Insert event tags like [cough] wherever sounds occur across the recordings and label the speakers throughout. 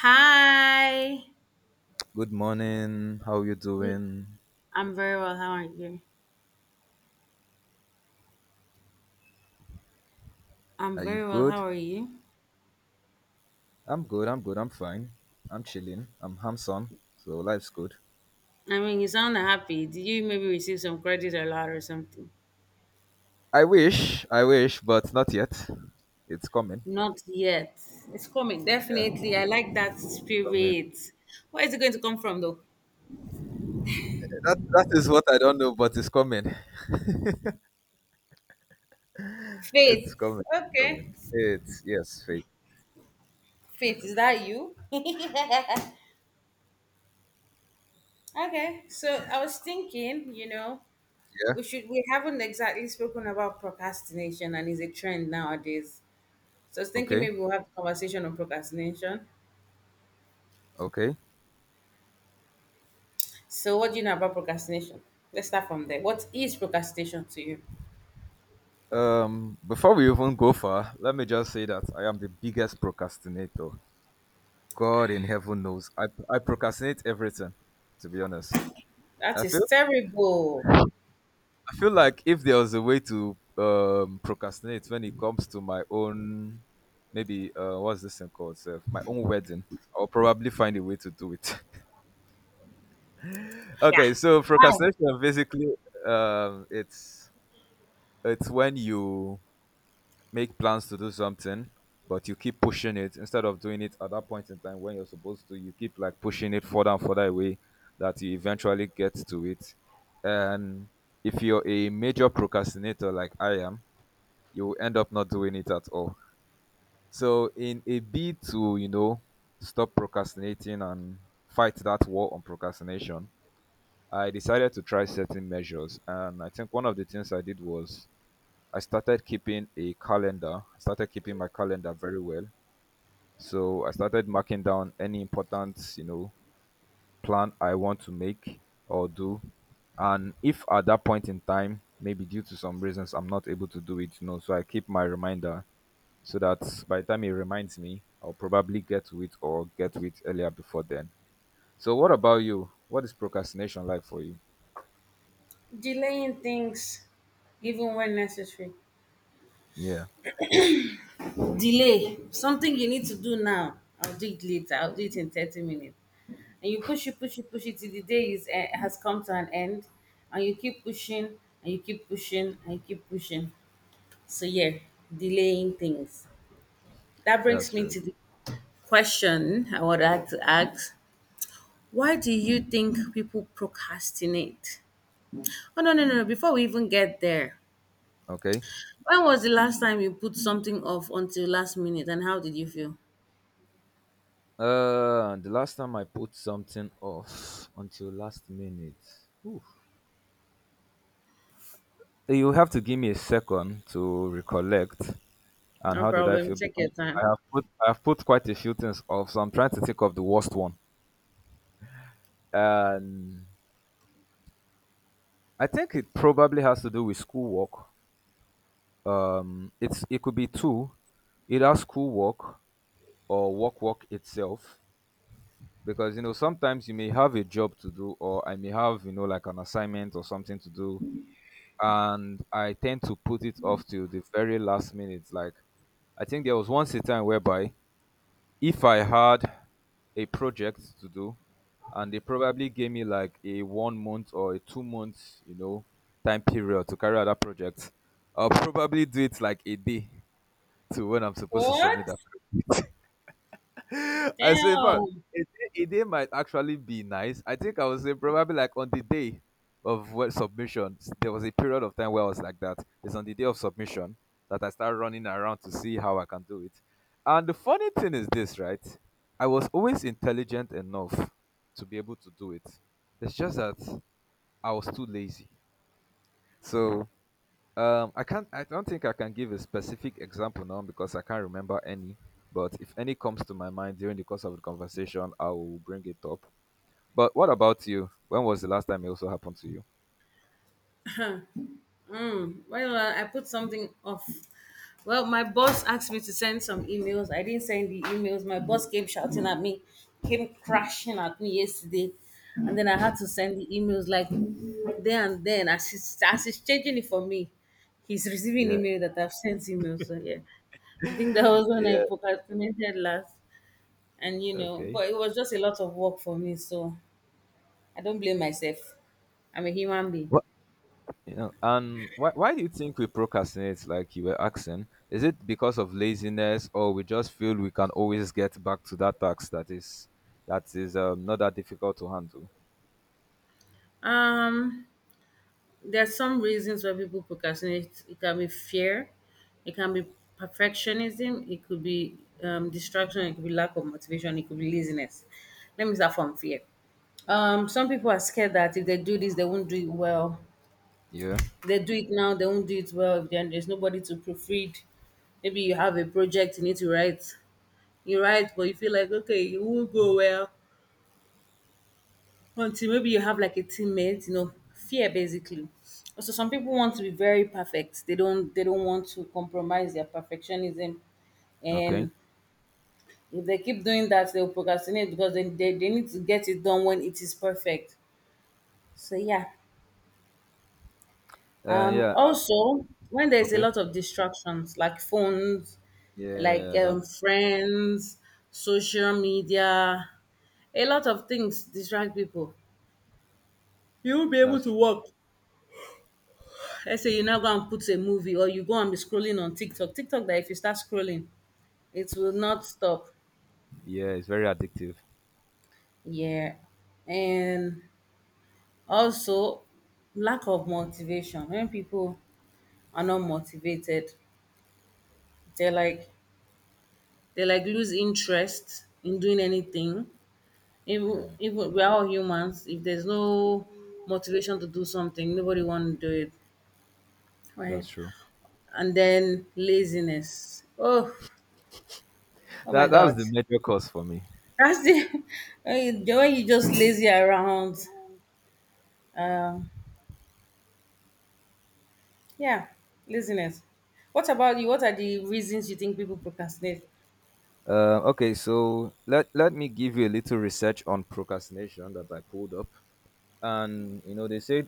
Speaker 1: Hi.
Speaker 2: Good morning. How you doing?
Speaker 1: I'm very well. How are you? I'm
Speaker 2: Are you
Speaker 1: very well. How
Speaker 2: good?
Speaker 1: are you?
Speaker 2: I'm good. I'm good. I'm fine. I'm chilling. I'm handsome. So life's good.
Speaker 1: I mean, you sound happy. Did you maybe receive some credit or lot or something?
Speaker 2: I wish. I wish, but not yet. It's coming.
Speaker 1: Not yet. It's coming.
Speaker 2: Yeah,
Speaker 1: Definitely. I like that
Speaker 2: it's coming.
Speaker 1: spirit. Where is it going to come from, though?
Speaker 2: That is what I don't know, but it's coming. [laughs] It's
Speaker 1: Faith.
Speaker 2: coming. It's coming.
Speaker 1: Okay.
Speaker 2: It's yes, faith.
Speaker 1: Faith, is that you? Okay, so I was thinking,
Speaker 2: Yeah.
Speaker 1: we haven't exactly spoken about procrastination, and it's a trend nowadays. So I was thinking
Speaker 2: Okay.
Speaker 1: maybe we'll have a conversation on procrastination.
Speaker 2: Okay.
Speaker 1: So, what do you know about procrastination? Let's start from there. What is procrastination to you?
Speaker 2: Before we even go far, let me just say that I am the biggest procrastinator. God in heaven knows. I procrastinate everything. To be honest, I
Speaker 1: That is
Speaker 2: feel
Speaker 1: terrible.
Speaker 2: I feel like if there was a way to procrastinate when it comes to my own, maybe what's this thing called? Self, my own wedding. I'll probably find a way to do it. [laughs]
Speaker 1: Yeah.
Speaker 2: Okay, so
Speaker 1: Why?
Speaker 2: procrastination basically, um, it's it's when you make plans to do something, but you keep pushing it instead of doing it at that point in time when you're supposed to. You keep like pushing it further and further away that you eventually get to it. And if you're a major procrastinator like I am, you will end up not doing it at all. So, in a bid to, you know, stop procrastinating and fight that war on procrastination, I decided to try certain measures. And I think one of the things I did was I started keeping a calendar. I started keeping my calendar very well. So I started marking down any important, you know, plan I want to make or do. And if at that point in time, maybe due to some reasons, I'm not able to do it, you know, so I keep my reminder so that by the time it reminds me, I'll probably get to it or get to it earlier before then. So, what about you? What is procrastination like for you?
Speaker 1: Delaying things, even when necessary.
Speaker 2: Yeah,
Speaker 1: Delay something you need to do now. I'll do it later. I'll do it in 30 minutes. And you push it, push it, push it till the day is has come to an end, and you keep pushing, and you keep pushing, and you keep pushing. So yeah, delaying things. That brings
Speaker 2: that's
Speaker 1: me
Speaker 2: true.
Speaker 1: to the question I would like to ask: why do you think people procrastinate? Oh, no, before we even get there,
Speaker 2: Okay.
Speaker 1: when was the last time you put something off until last minute, and how did you feel?
Speaker 2: The last time I put something off until last minute. Oof. You have to give me a second to recollect. And
Speaker 1: No
Speaker 2: how did I
Speaker 1: problem.
Speaker 2: feel?
Speaker 1: Check
Speaker 2: Because
Speaker 1: your
Speaker 2: I
Speaker 1: time.
Speaker 2: have put I have put quite a few things off, so I'm trying to think of the worst one. And I think it probably has to do with schoolwork. It's it could be two, either school work or work work itself, because you know sometimes you may have a job to do, or I may have, you know, like an assignment or something to do, and I tend to put it off till the very last minute. Like I think there was once a time whereby if I had a project to do and they probably gave me like a 1 month or a 2 months, you know, time period to carry out that project, I'll probably do it like a day to when I'm supposed to submit
Speaker 1: What?
Speaker 2: that project. [laughs] I say, in fact,
Speaker 1: Damn.
Speaker 2: a day might actually be nice. I think I was say probably like on the day of what submission, there was a period of time where I was like that. It's on the day of submission that I start running around to see how I can do it. And the funny thing is this, right? I was always intelligent enough to be able to do it. It's just that I was too lazy. So I can't. I don't think I can give a specific example now because I can't remember any. But if any comes to my mind during the course of the conversation, I will bring it up. But what about you? When was the last time it also happened to you?
Speaker 1: Well, I put something off. Well, my boss asked me to send some emails. I didn't send the emails. My boss came shouting at me, came crashing at me yesterday. And then I had to send the emails like there and then as he's changing it for me. He's receiving
Speaker 2: Yeah,
Speaker 1: email that I've sent emails. So, yeah, I think that was
Speaker 2: [laughs]
Speaker 1: when I
Speaker 2: yeah.
Speaker 1: procrastinated last. And, you know,
Speaker 2: Okay.
Speaker 1: but it was just a lot of work for me. So I don't blame myself. I'm a human being.
Speaker 2: What? And why do you think we procrastinate? Like you were asking, is it because of laziness, or we just feel we can always get back to that task that is not that difficult to handle?
Speaker 1: Um, There are some reasons why people procrastinate. It can be fear, it can be perfectionism, it could be distraction, it could be lack of motivation, it could be laziness. Let me start from fear. Some people are scared that if they do this, they won't do it well.
Speaker 2: Yeah.
Speaker 1: If they do it now, they won't do it well. If then there's nobody to proofread, maybe you have a project you need to write. You write, but you feel like okay, it won't go well, until maybe you have like a teammate, you know. Fear basically. So some people want to be very perfect. They don't want to compromise their perfectionism,
Speaker 2: Okay.
Speaker 1: and if they keep doing that, they'll procrastinate because they need to get it done when it is perfect. So yeah,
Speaker 2: Yeah. Uh.
Speaker 1: also when there's a
Speaker 2: Okay.
Speaker 1: lot of distractions like phones, like
Speaker 2: Yeah.
Speaker 1: friends, social media, a lot of things distract people. You won't be able
Speaker 2: That's
Speaker 1: to
Speaker 2: true.
Speaker 1: work. Let's say you now go and put a movie, or you go and be scrolling on TikTok. TikTok, that if you start scrolling, it will not stop.
Speaker 2: Yeah, it's very addictive.
Speaker 1: Yeah. And also lack of motivation. When people are not motivated, they like lose interest in doing anything. Even
Speaker 2: Mm,
Speaker 1: even we are all humans. If there's no motivation to do something, nobody want to do it. Right.
Speaker 2: that's true.
Speaker 1: And then laziness. Oh, oh my
Speaker 2: That's
Speaker 1: God.
Speaker 2: the major cause for me.
Speaker 1: That's the, [laughs] the way you just lazy around. Um, yeah, laziness. What about you? What are the reasons you think people procrastinate?
Speaker 2: Okay, so let me give you a little research on procrastination that I pulled up, and you know they say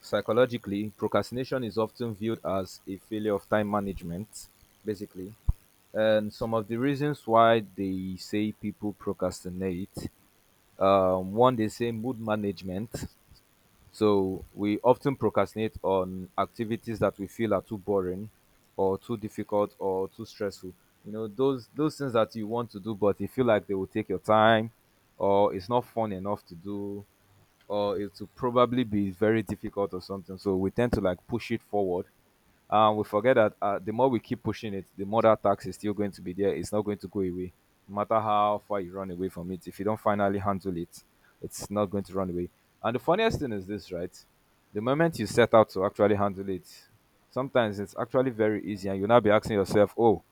Speaker 2: psychologically procrastination is often viewed as a failure of time management, basically. And some of the reasons why they say people procrastinate, one, they say mood management. So we often procrastinate on activities that we feel are too boring or too difficult or too stressful. You know, those things that you want to do but you feel like they will take your time, or it's not fun enough to do, or it will probably be very difficult or something. So we tend to like push it forward, and we forget that the more we keep pushing it, the more that tax is still going to be there. It's not going to go away. No matter how far you run away from it, if you don't finally handle it, it's not going to run away. And the funniest thing is this, right? The moment you set out to actually handle it, sometimes it's actually very easy, and you'll now be asking yourself, "Oh,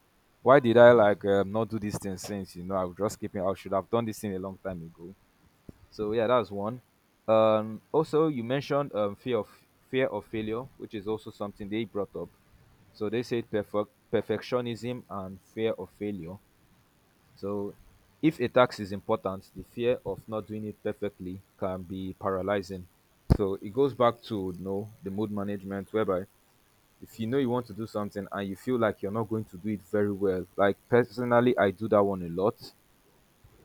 Speaker 2: why did I like not do these things since you know I was just keeping? I should have done this thing a long time ago." So yeah, that's one. Also, you mentioned fear of failure, which is also something they brought up. So they said perfectionism and fear of failure. So if a task is important, the fear of not doing it perfectly can be paralyzing. So it goes back to you know the mood management, whereby if you know you want to do something and you feel like you're not going to do it very well, like personally, I do that one a lot.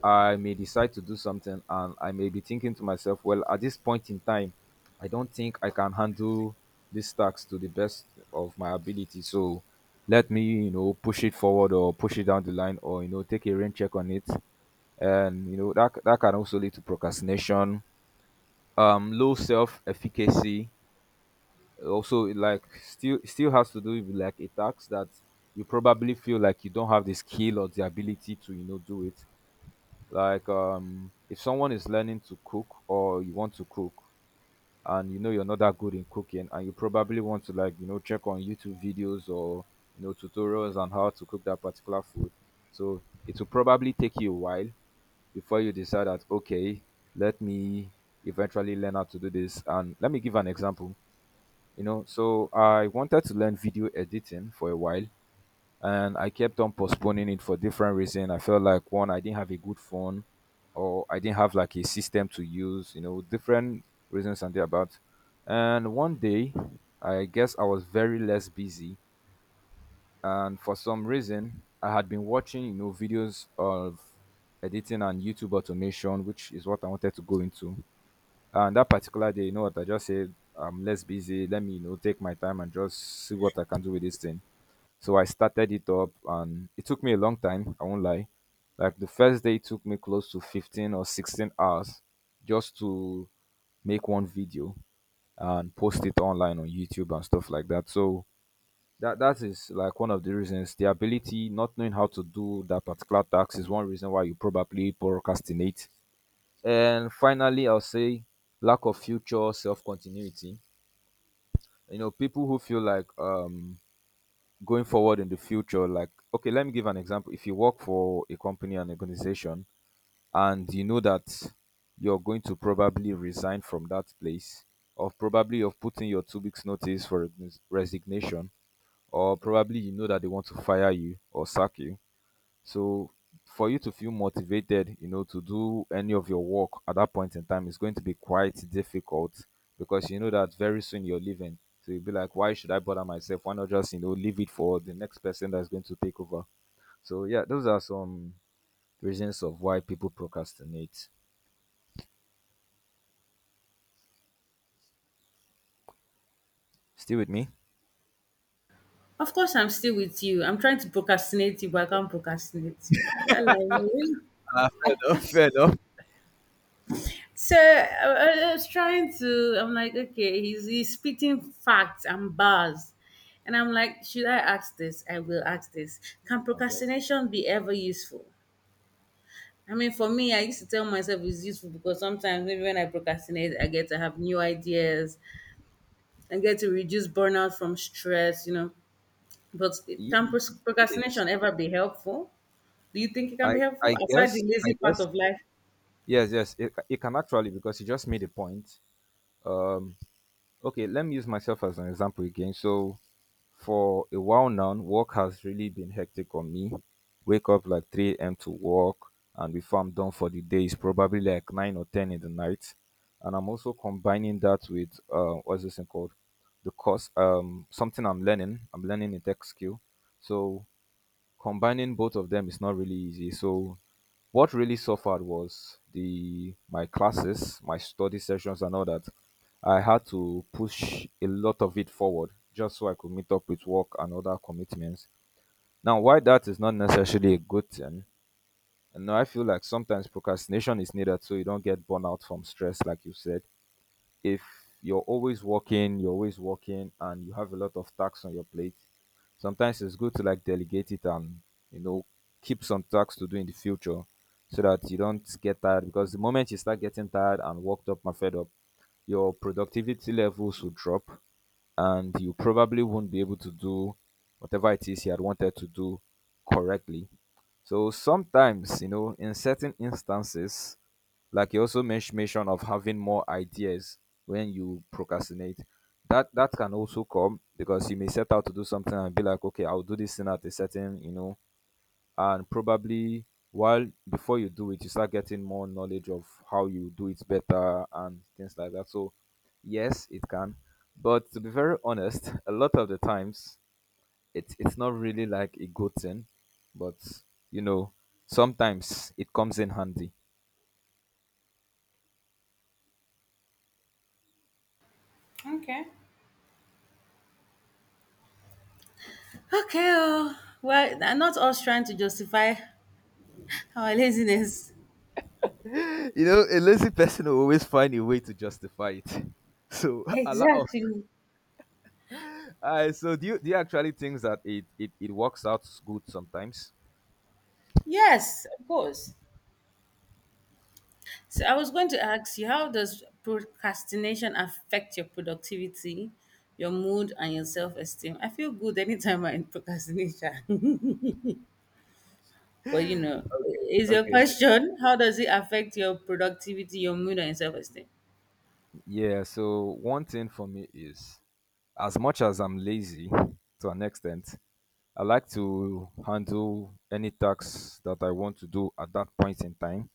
Speaker 2: I may decide to do something, and I may be thinking to myself, well, at this point in time, I don't think I can handle this task to the best of my ability. So let me, you know, push it forward or push it down the line, or, you know, take a rain check on it. And, you know, that can also lead to procrastination, low self efficacy. Also, like, still has to do with like a task that you probably feel like you don't have the skill or the ability to, you know, do it. Like if someone is learning to cook, or you want to cook and you know you're not that good in cooking, and you probably want to like, you know, check on YouTube videos or you know tutorials on how to cook that particular food. So it will probably take you a while before you decide that okay, let me eventually learn how to do this. And let me give an example. You know, so I wanted to learn video editing for a while, and I kept on postponing it for different reasons. I felt like one, I didn't have a good phone, or I didn't have like a system to use. You know, different reasons and thereabout. And one day, I guess I was very less busy, and for some reason, I had been watching you know videos of editing and YouTube automation, which is what I wanted to go into. And that particular day, you know what I just said. I'm less busy. Let me, you know, take my time and just see what I can do with this thing. So I started it up, and it took me a long time, I won't lie. Like the first day it took me close to 15 or 16 hours just to make one video and post it online on YouTube and stuff like that. So that is like one of the reasons, the ability not knowing how to do that particular task is one reason why you probably procrastinate. And finally, I'll say lack of future self continuity. You know, people who feel like going forward in the future, like okay, let me give an example. If you work for a company, an organization, and you know that you're going to probably resign from that place, or probably you've put in your 2 weeks notice for resignation, or probably you know that they want to fire you or sack you, so for you to feel motivated, you know, to do any of your work at that point in time is going to be quite difficult because you know that very soon you're leaving. So you'll be like, why should I bother myself? Why not just, you know, leave it for the next person that's going to take over? So yeah, those are some reasons of why people procrastinate. Still with me?
Speaker 1: Of course, I'm still with you. I'm trying to procrastinate you, but I can't procrastinate you. That like really.
Speaker 2: Ah, fair enough, [laughs] fair enough.
Speaker 1: So I was trying to. I'm like, okay, he's spitting facts and bars, and I'm like, should I ask this? I will ask this. Can
Speaker 2: Okay.
Speaker 1: procrastination be ever useful? I mean, for me, I used to tell myself it's useful because sometimes maybe when I procrastinate, I get to have new ideas and get to reduce burnout from stress, you know. But
Speaker 2: Ye-
Speaker 1: can
Speaker 2: Yes.
Speaker 1: procrastination ever be helpful? Do you think it can
Speaker 2: I
Speaker 1: be
Speaker 2: I
Speaker 1: helpful aside
Speaker 2: guess
Speaker 1: the
Speaker 2: I
Speaker 1: lazy part
Speaker 2: guess
Speaker 1: of life?
Speaker 2: yes, yes, it can actually, because you just made a point. Um, Okay, let me use myself as an example again. So, for a while now, work has really been hectic on me. Wake up like 3 a.m. to work, and before I'm done for the day, it's probably like 9 or 10 in the night. And I'm also combining that with what's this thing called? The course, something I'm learning. I'm learning a tech skill. So, combining both of them is not really easy. So what really suffered was the my classes, my study sessions and all that. I had to push a lot of it forward just so I could meet up with work and other commitments. Now, why that is not necessarily a good thing, and now I feel like sometimes procrastination is needed so you don't get burnout from stress, like you said. If you're always working, you're always working, and you have a lot of tasks on your plate, sometimes it's good to like delegate it and you know keep some tasks to do in the future, so that you don't get tired, because the moment you start getting tired and worked up and fed up, your productivity levels will drop and you probably won't be able to do whatever it is you had wanted to do correctly. So sometimes, you know, in certain instances, like you also mentioned of having more ideas when you procrastinate, that can also come because you may set out to do something and be like, okay, I'll do this thing at a certain, you know, and probably while before you do it, you start getting more knowledge of how you do it better and things like that. So yes, it can. But to be very honest, [laughs] a lot of the times it's not really like a good thing, but, you know, sometimes it comes in handy.
Speaker 1: Okay. Okay. Oh. Well, I'm not us trying to justify our laziness.
Speaker 2: You know, a lazy person will always find a way to justify it. So [laughs] allow us.
Speaker 1: Exactly.
Speaker 2: So do you actually think that it works out good sometimes?
Speaker 1: Yes, of course. So I was going to ask you, how does procrastination affect your productivity, your mood, and your self-esteem? I feel good anytime I'm in procrastination. [laughs] But you know,
Speaker 2: Okay.
Speaker 1: is your
Speaker 2: Okay.
Speaker 1: question, how does it affect your productivity, your mood, and your self-esteem?
Speaker 2: Yeah. So one thing for me is, as much as I'm lazy to an extent, I like to handle any tasks that I want to do at that point in time,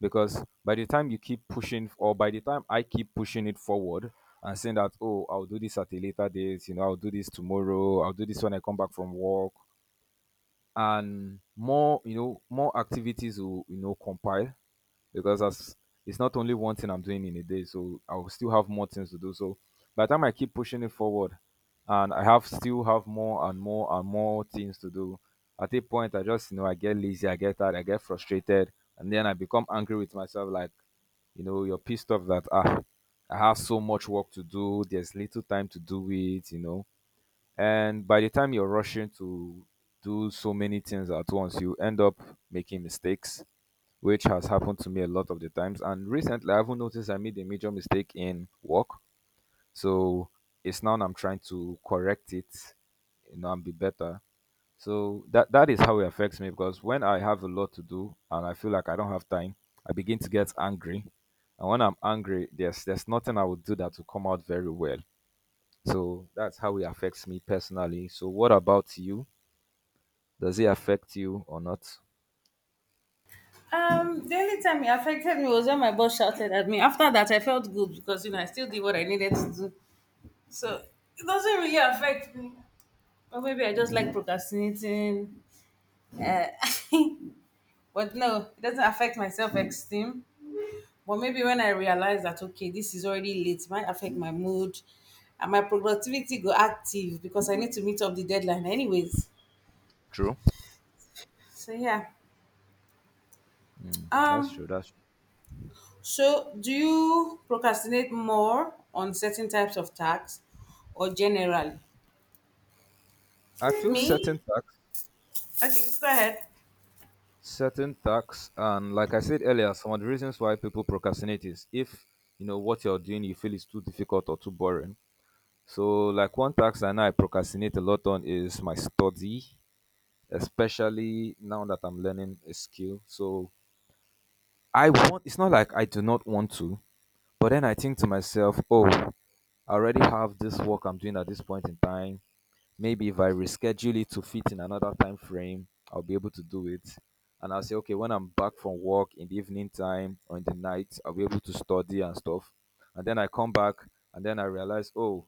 Speaker 2: because by the time you keep pushing, or by the time I keep pushing it forward and saying that, oh, I'll do this at a later date, you know, I'll do this tomorrow, I'll do this when I come back from work, and more, you know, more activities will, you know, compile, because as it's not only one thing I'm doing in a day, so I'll still have more things to do. So by the time I keep pushing it forward, and I have still have more and more and more things to do, at a point I just, you know, I get lazy, I get tired, I get frustrated, and then I become angry with myself. Like, you know, you're pissed off that, ah, I have so much work to do. There's little time to do it. You know, and by the time you're rushing to do so many things at once, you end up making mistakes, which has happened to me a lot of the times. And recently, I haven't noticed I made a major mistake in work. So it's now I'm trying to correct it, you know, and be better. So that is how it affects me, because when I have a lot to do and I feel like I don't have time, I begin to get angry. And when I'm angry, there's nothing I would do that will come out very well. So that's how it affects me personally. So what about you? Does it affect you or not?
Speaker 1: The only time it affected me was when my boss shouted at me. After that, I felt good because you know I still did what I needed to do. So it doesn't really affect me. Or maybe I just like procrastinating. Uh, [laughs] but no, it doesn't affect my self esteem. But maybe when I realize that okay, this is already late, it might affect my mood and my productivity go active because I need to meet up the deadline anyways.
Speaker 2: True.
Speaker 1: So yeah.
Speaker 2: Mm, that's
Speaker 1: Um
Speaker 2: true. That's
Speaker 1: so do you procrastinate more on certain types of tasks or generally?
Speaker 2: I feel certain
Speaker 1: Me?
Speaker 2: tax,
Speaker 1: Okay, go ahead.
Speaker 2: and like I said earlier, some of the reasons why people procrastinate is if you know what you're doing, you feel it's too difficult or too boring. So like one tax I know I procrastinate a lot on is my study, especially now that I'm learning a skill. So I want. It's not like I do not want to. But then I think to myself, oh, I already have this work I'm doing at this point in time. Maybe if I reschedule it to fit in another time frame, I'll be able to do it. And I'll say, okay, when I'm back from work in the evening time or in the night, I'll be able to study and stuff. And then I come back and then I realize, oh,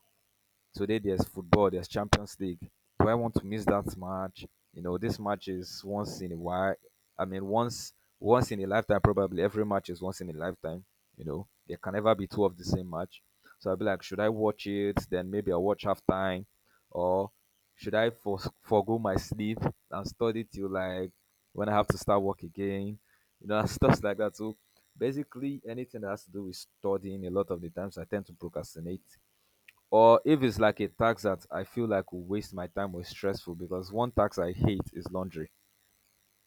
Speaker 2: today there's football, there's Champions League. Do I want to miss that match? You know, this match is once in a while. I mean, once in a lifetime, probably every match is once in a lifetime. You know, there can never be two of the same match. So I'll be like, should I watch it? Then maybe I'll watch half time. Or should I forego my sleep and study till like when I have to start work again? You know, [laughs] and stuff like that. So basically, anything that has to do with studying, a lot of the times I tend to procrastinate, or if it's like a task that I feel like will waste my time or is stressful, because one task I hate is laundry.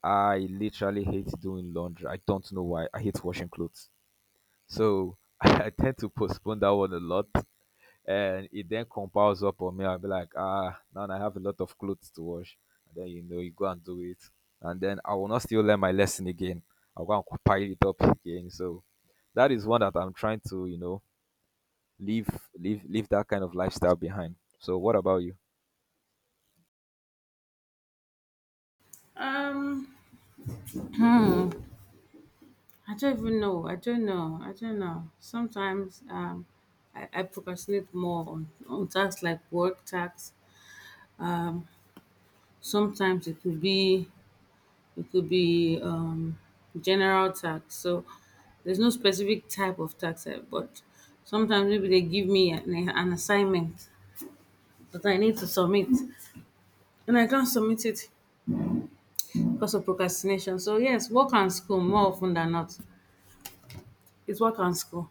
Speaker 2: I literally hate doing laundry. I don't know why. I hate washing clothes. So [laughs] I tend to postpone that one a lot. And it then compiles up on me. I'll be like, ah, now I have a lot of clothes to wash. And then, you know, you go and do it. And then I will not still learn my lesson again. I'll go and compile it up again. So that is one that I'm trying to, you know, leave leave that kind of lifestyle behind. So what about you?
Speaker 1: Um hmm. I don't even know. I don't know. I don't know. Sometimes I procrastinate more on tasks like work tasks. Sometimes it could be. It could be general tax. So there's no specific type of tax, eh, but sometimes maybe they give me an assignment that I need to submit, and I can't submit it because of procrastination. So yes, work and school more often than not. It's work and school.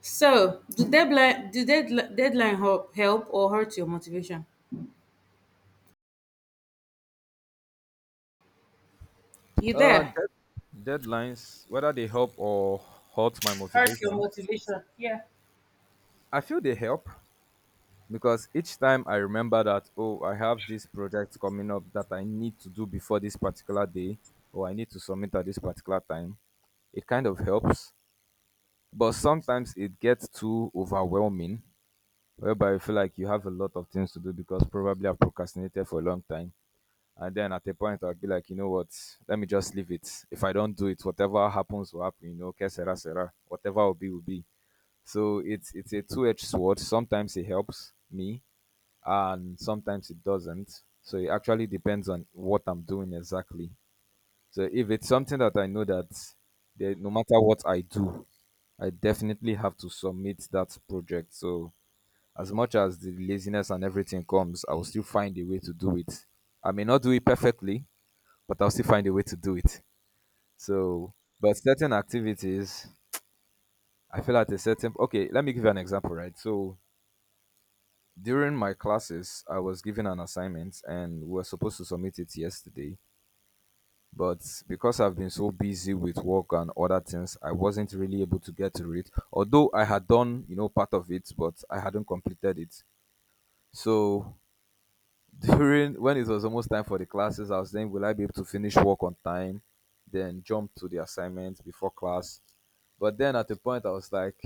Speaker 1: So do deadline deadline help or hurt your motivation? You there?
Speaker 2: Deadlines, whether they help or hurt my
Speaker 1: Hurt your
Speaker 2: motivation,
Speaker 1: motivation. Yeah.
Speaker 2: I feel they help, because each time I remember that, oh, I have this project coming up that I need to do before this particular day, or I need to submit at this particular time, it kind of helps. But sometimes it gets too overwhelming, whereby you feel like you have a lot of things to do, because probably I've procrastinated for a long time. And then at a point, I'll be like, you know what? Let me just leave it. If I don't do it, whatever happens will happen. You know, que sera sera. Whatever will be will be. So it's a two-edged sword. Sometimes it helps me, and sometimes it doesn't. So it actually depends on what I'm doing exactly. So if it's something that I know that no matter what I do, I definitely have to submit that project. So as much as the laziness and everything comes, I will still find a way to do it. I may not do it perfectly, but I'll still find a way to do it. So, but certain activities, I feel at a certain, okay, let me give you an example, right? So during my classes, I was given an assignment and we were supposed to submit it yesterday. But because I've been so busy with work and other things, I wasn't really able to get to it. Although I had done, you know, part of it, but I hadn't completed it. So during when it was almost time for the classes, I was saying, will I be able to finish work on time, then jump to the assignment before class? But then at the point, I was like,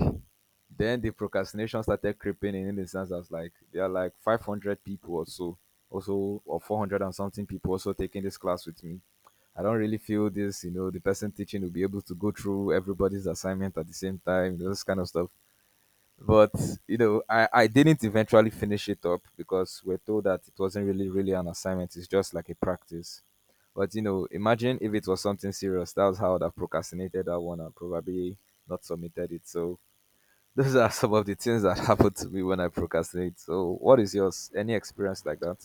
Speaker 2: then the procrastination started creeping in. In the sense, I was like, there are like 500 people or so, also or 400 and something people also taking this class with me. I don't really feel this, you know, the person teaching will be able to go through everybody's assignment at the same time, you know, this kind of stuff. But you know, I didn't eventually finish it up, because we're told that it wasn't really an assignment, it's just like a practice. But you know, imagine if it was something serious, that was how I'd have procrastinated that one, and probably not submitted it. So those are some of the things that [laughs] happen to me when I procrastinate. So what is yours? Any experience like that?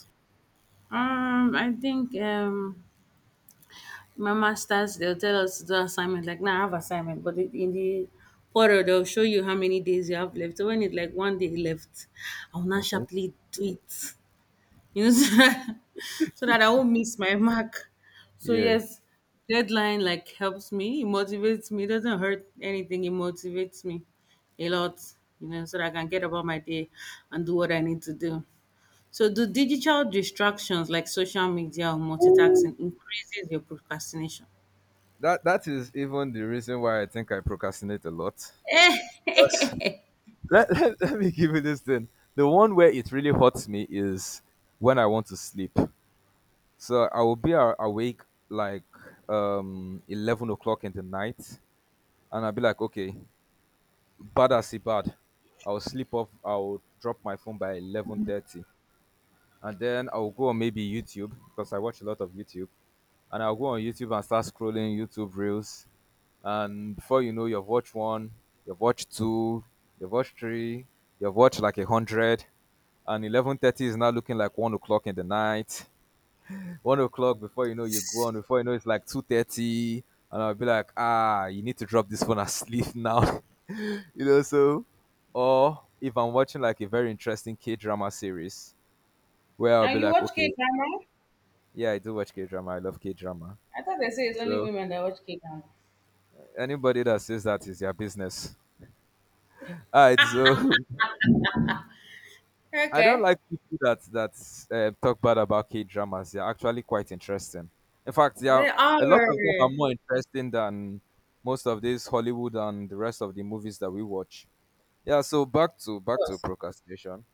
Speaker 1: I think my masters, they'll tell us to do assignment. Like now, I have assignment, but it- in the portal, they'll show you how many days you have left. So when it's like one day left, I will not
Speaker 2: Okay.
Speaker 1: sharply do it, you know, [laughs] so that I won't miss my mark. So
Speaker 2: Yeah,
Speaker 1: yes, deadline like helps me, it motivates me, it doesn't hurt anything. It motivates me a lot, you know, so that I can get about my day and do what I need to do. So, do digital distractions like social media or multitasking increases your procrastination?
Speaker 2: that that is even the reason why I think I procrastinate a lot.
Speaker 1: Eh,
Speaker 2: [laughs] Because [laughs] let me give you this thing. The one where it really hurts me is when I want to sleep. So I will be awake like 11 o'clock in the night, and I'll be like, okay, bad as it bad. I'll sleep off. I'll drop my phone by 11:30, and then I'll go on maybe YouTube, because I watch a lot of YouTube, and I'll go on YouTube and start scrolling YouTube reels. And before you know, you've watched one, you've watched two, you've watched three, you've watched like a hundred, and eleven thirty is now looking like 1 o'clock in the night. [laughs] 1 o'clock, before you know, you go on, before you know, it's like 2:30. And I'll be like, ah, you need to drop this phone and sleep now. [laughs] So or if I'm watching like a very interesting k-drama series where I'll
Speaker 1: now
Speaker 2: be
Speaker 1: you
Speaker 2: like,
Speaker 1: watch
Speaker 2: okay.
Speaker 1: K drama?
Speaker 2: Yeah, I do watch k-drama. I love k-drama.
Speaker 1: I thought they say it's only
Speaker 2: So
Speaker 1: women that watch K drama.
Speaker 2: anybody that says that is their business. All right, so. [laughs] I don't
Speaker 1: Okay.
Speaker 2: like people that talk bad about K dramas. They're actually quite interesting. In fact,
Speaker 1: They
Speaker 2: a lot of them
Speaker 1: are.
Speaker 2: are more interesting than most of this Hollywood and the rest of the movies that we watch. Yeah. So back to
Speaker 1: Yes.
Speaker 2: procrastination.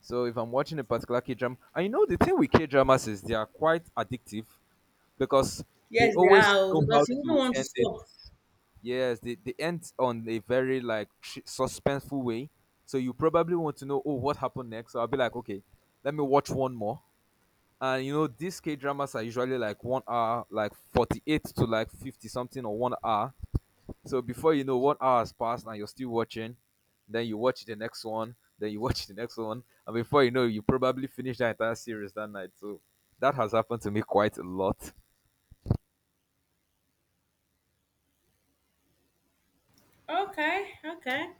Speaker 2: So if I'm watching a particular K drama, and you know the thing with K dramas is they are quite addictive because they
Speaker 1: Yes, they
Speaker 2: always
Speaker 1: are. Oh,
Speaker 2: know how
Speaker 1: because you wouldn't
Speaker 2: to
Speaker 1: want to
Speaker 2: end it.
Speaker 1: stop.
Speaker 2: Yes, they end on a very like suspenseful way. So you probably want to know, oh, what happened next? So I'll be like, okay, let me watch one more. And you know, these K dramas are usually like 1 hour, like 48 to like 50 something or 1 hour. So before you know, 1 hour has passed and you're still watching. Then you watch the next one. Then you [laughs] watch the next one. And before you know, you probably finish the entire series that night. So that has happened to me quite a lot.
Speaker 1: Okay, okay.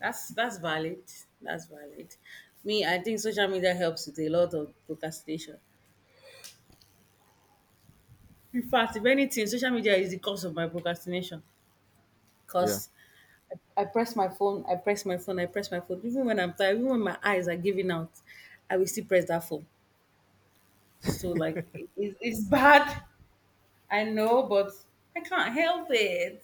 Speaker 1: That's valid. That's valid. Me, I think social media helps with a lot of procrastination. In fact, if anything, social media is the cause of my procrastination.
Speaker 2: Yeah.
Speaker 1: Cause I press my phone, I press my phone, I press my phone. Even when I'm tired, even when my eyes are giving out, I will still press that phone. So like, it's It's bad. I know, but I can't help it.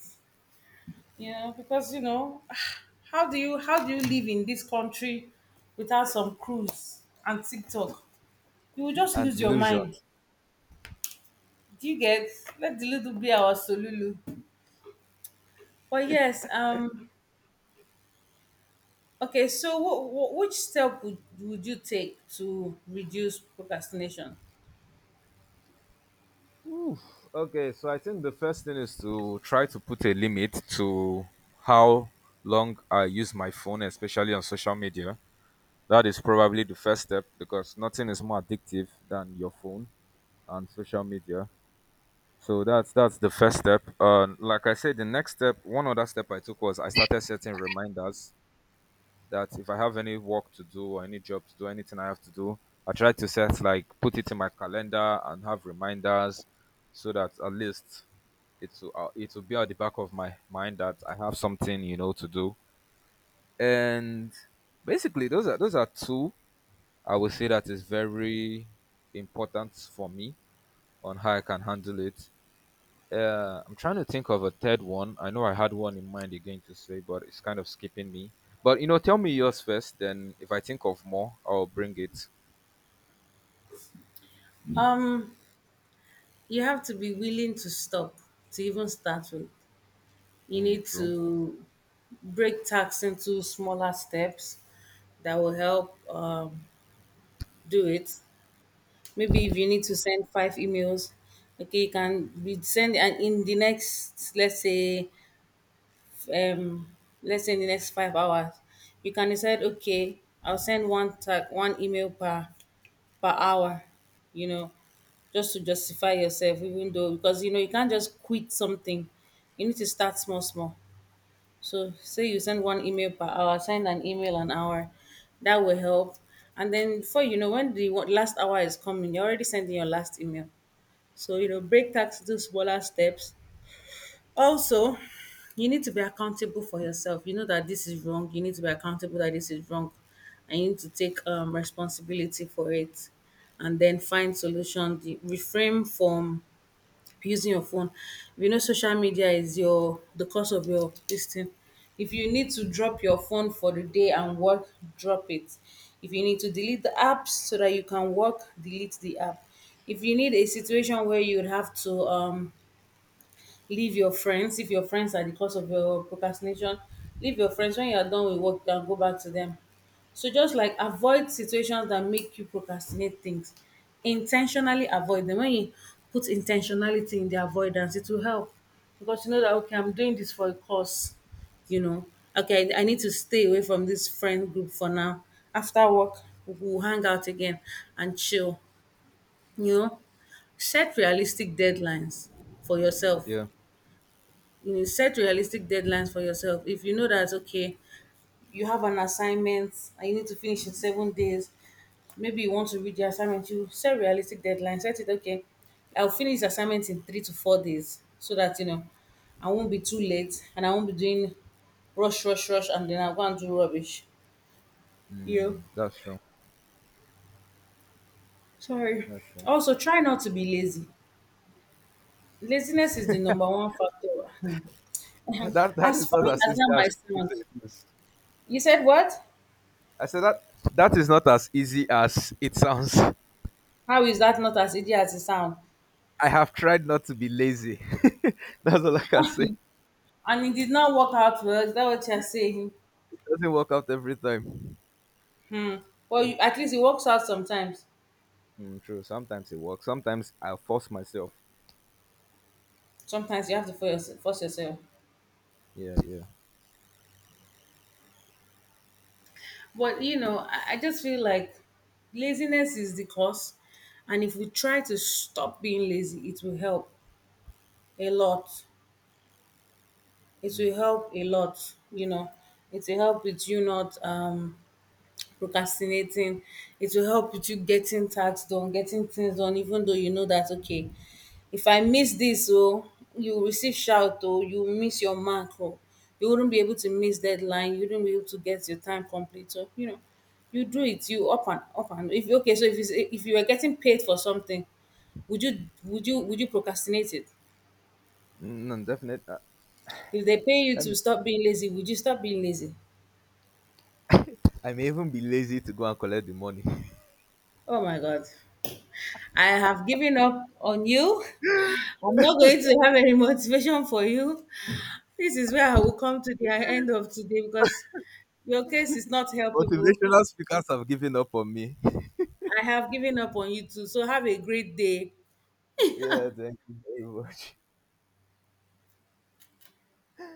Speaker 1: You know, because you know, [sighs] how do you live in this country without some cruise and TikTok? You will just
Speaker 2: And
Speaker 1: lose your
Speaker 2: delusion.
Speaker 1: mind. Do you get? Let the little be our solulu. But yes, okay. So, which step would you take to reduce procrastination?
Speaker 2: Okay, so I think the first thing is to try to put a limit to how long I use my phone, especially on social media. That is probably the first step because nothing is more addictive than your phone and social media. So that's the first step. Like I said, the next step, one other step I took was I started setting reminders that if I have any work to do or any job to do, anything I have to do, I try to set like put it in my calendar and have reminders so that at least it will be at the back of my mind that I have something to do. And basically, those are two I would say that is very important for me on how I can handle it. I'm trying to think of a third one. I know I had one in mind you're going to say, but it's kind of skipping me. But you know, tell me yours first. Then, if I think of more, I'll bring it.
Speaker 1: Um, you have to be willing to stop to even start with. You
Speaker 2: Mm,
Speaker 1: need
Speaker 2: true.
Speaker 1: to break tasks into smaller steps that will help do it. Maybe if you need to send five emails, okay, you can be send and in the next, um, let's say in the next 5 hours, you can decide, okay, I'll send one email per per hour, you know, just to justify yourself, even though because you know you can't just quit something, you need to start small, small. So say you send one email per hour, send an email an hour. That will help. And then before you know, when the last hour is coming, you're already sending your last email. So you know, break tasks into smaller steps. Also, you need to be accountable for yourself. You know that this is wrong. You need to be accountable that this is wrong, and you need to take responsibility for it. And then find solutions. Refrain from using your phone. We know social media is your the cause of your this thing. If you need to drop your phone for the day and work, drop it. If you need to delete the apps so that you can work, delete the app. If you need a situation where you would have to leave your friends, if your friends are the cause of your procrastination, leave your friends. When you are done with work, you can go back to them. So just like avoid situations that make you procrastinate things. Intentionally avoid them. When you put intentionality in the avoidance, it will help, because you know that okay, I'm doing this for a cause. You know, okay, I need to stay away from this friend group for now. After work, we'll hang out again and chill, you know. Set realistic deadlines for yourself.
Speaker 2: Yeah,
Speaker 1: You know, set realistic deadlines for yourself. If you know that okay, you have an assignment and you need to finish in 7 days, maybe you want to read your assignment, you set realistic deadlines. Set it okay, I'll finish the assignment in 3 to 4 days, so that you know I won't be too late, and I won't be doing rush, and then I'll go and do rubbish, you know.
Speaker 2: that's true.
Speaker 1: Sorry.
Speaker 2: That's true.
Speaker 1: Also try not to be lazy. Laziness is the number one factor. Hmm. [laughs]
Speaker 2: [laughs] That
Speaker 1: As
Speaker 2: is not
Speaker 1: funny
Speaker 2: as
Speaker 1: as
Speaker 2: easy
Speaker 1: that
Speaker 2: as
Speaker 1: might
Speaker 2: people
Speaker 1: sound,
Speaker 2: say it is.
Speaker 1: you said what?
Speaker 2: I said that that is not as easy as it sounds.
Speaker 1: How is that not as easy as it sounds?
Speaker 2: I have tried not to be lazy. [laughs] That's all I can say. It
Speaker 1: And it did not work out for us. That's what you're saying.
Speaker 2: doesn't work out every time.
Speaker 1: Well, you, at least it works out sometimes.
Speaker 2: Mm, true. Sometimes it works. Sometimes I force myself.
Speaker 1: Sometimes you have to force yourself.
Speaker 2: Yeah, yeah.
Speaker 1: But you know, I just feel like laziness is the cause. And if we try to stop being lazy, it will help a lot. It will
Speaker 2: Mm.
Speaker 1: help a lot, you know. It will help with you not procrastinating. It will help with you getting tasks done, getting things done, even though you know that, okay, if I miss this, oh, you will receive shout, oh, you will miss your mark, oh, you wouldn't be able to miss deadline, you wouldn't be able to get your time complete. So, you know, you do it, you up and up. And if okay, so if you were getting paid for something, would you would you procrastinate it?
Speaker 2: Mm, no, definitely.
Speaker 1: If they pay you
Speaker 2: Let
Speaker 1: to stop being lazy, would you stop being lazy?
Speaker 2: I may even be lazy to go and collect the money. [laughs]
Speaker 1: Oh my god. I have given up on you. [laughs] I'm not going to have any motivation for you. This is where I will come to the end of today because your case is not helpable.
Speaker 2: Motivational speakers have given up on me. [laughs]
Speaker 1: I have given up on you too. So have a great day.
Speaker 2: Yeah, thank you very much.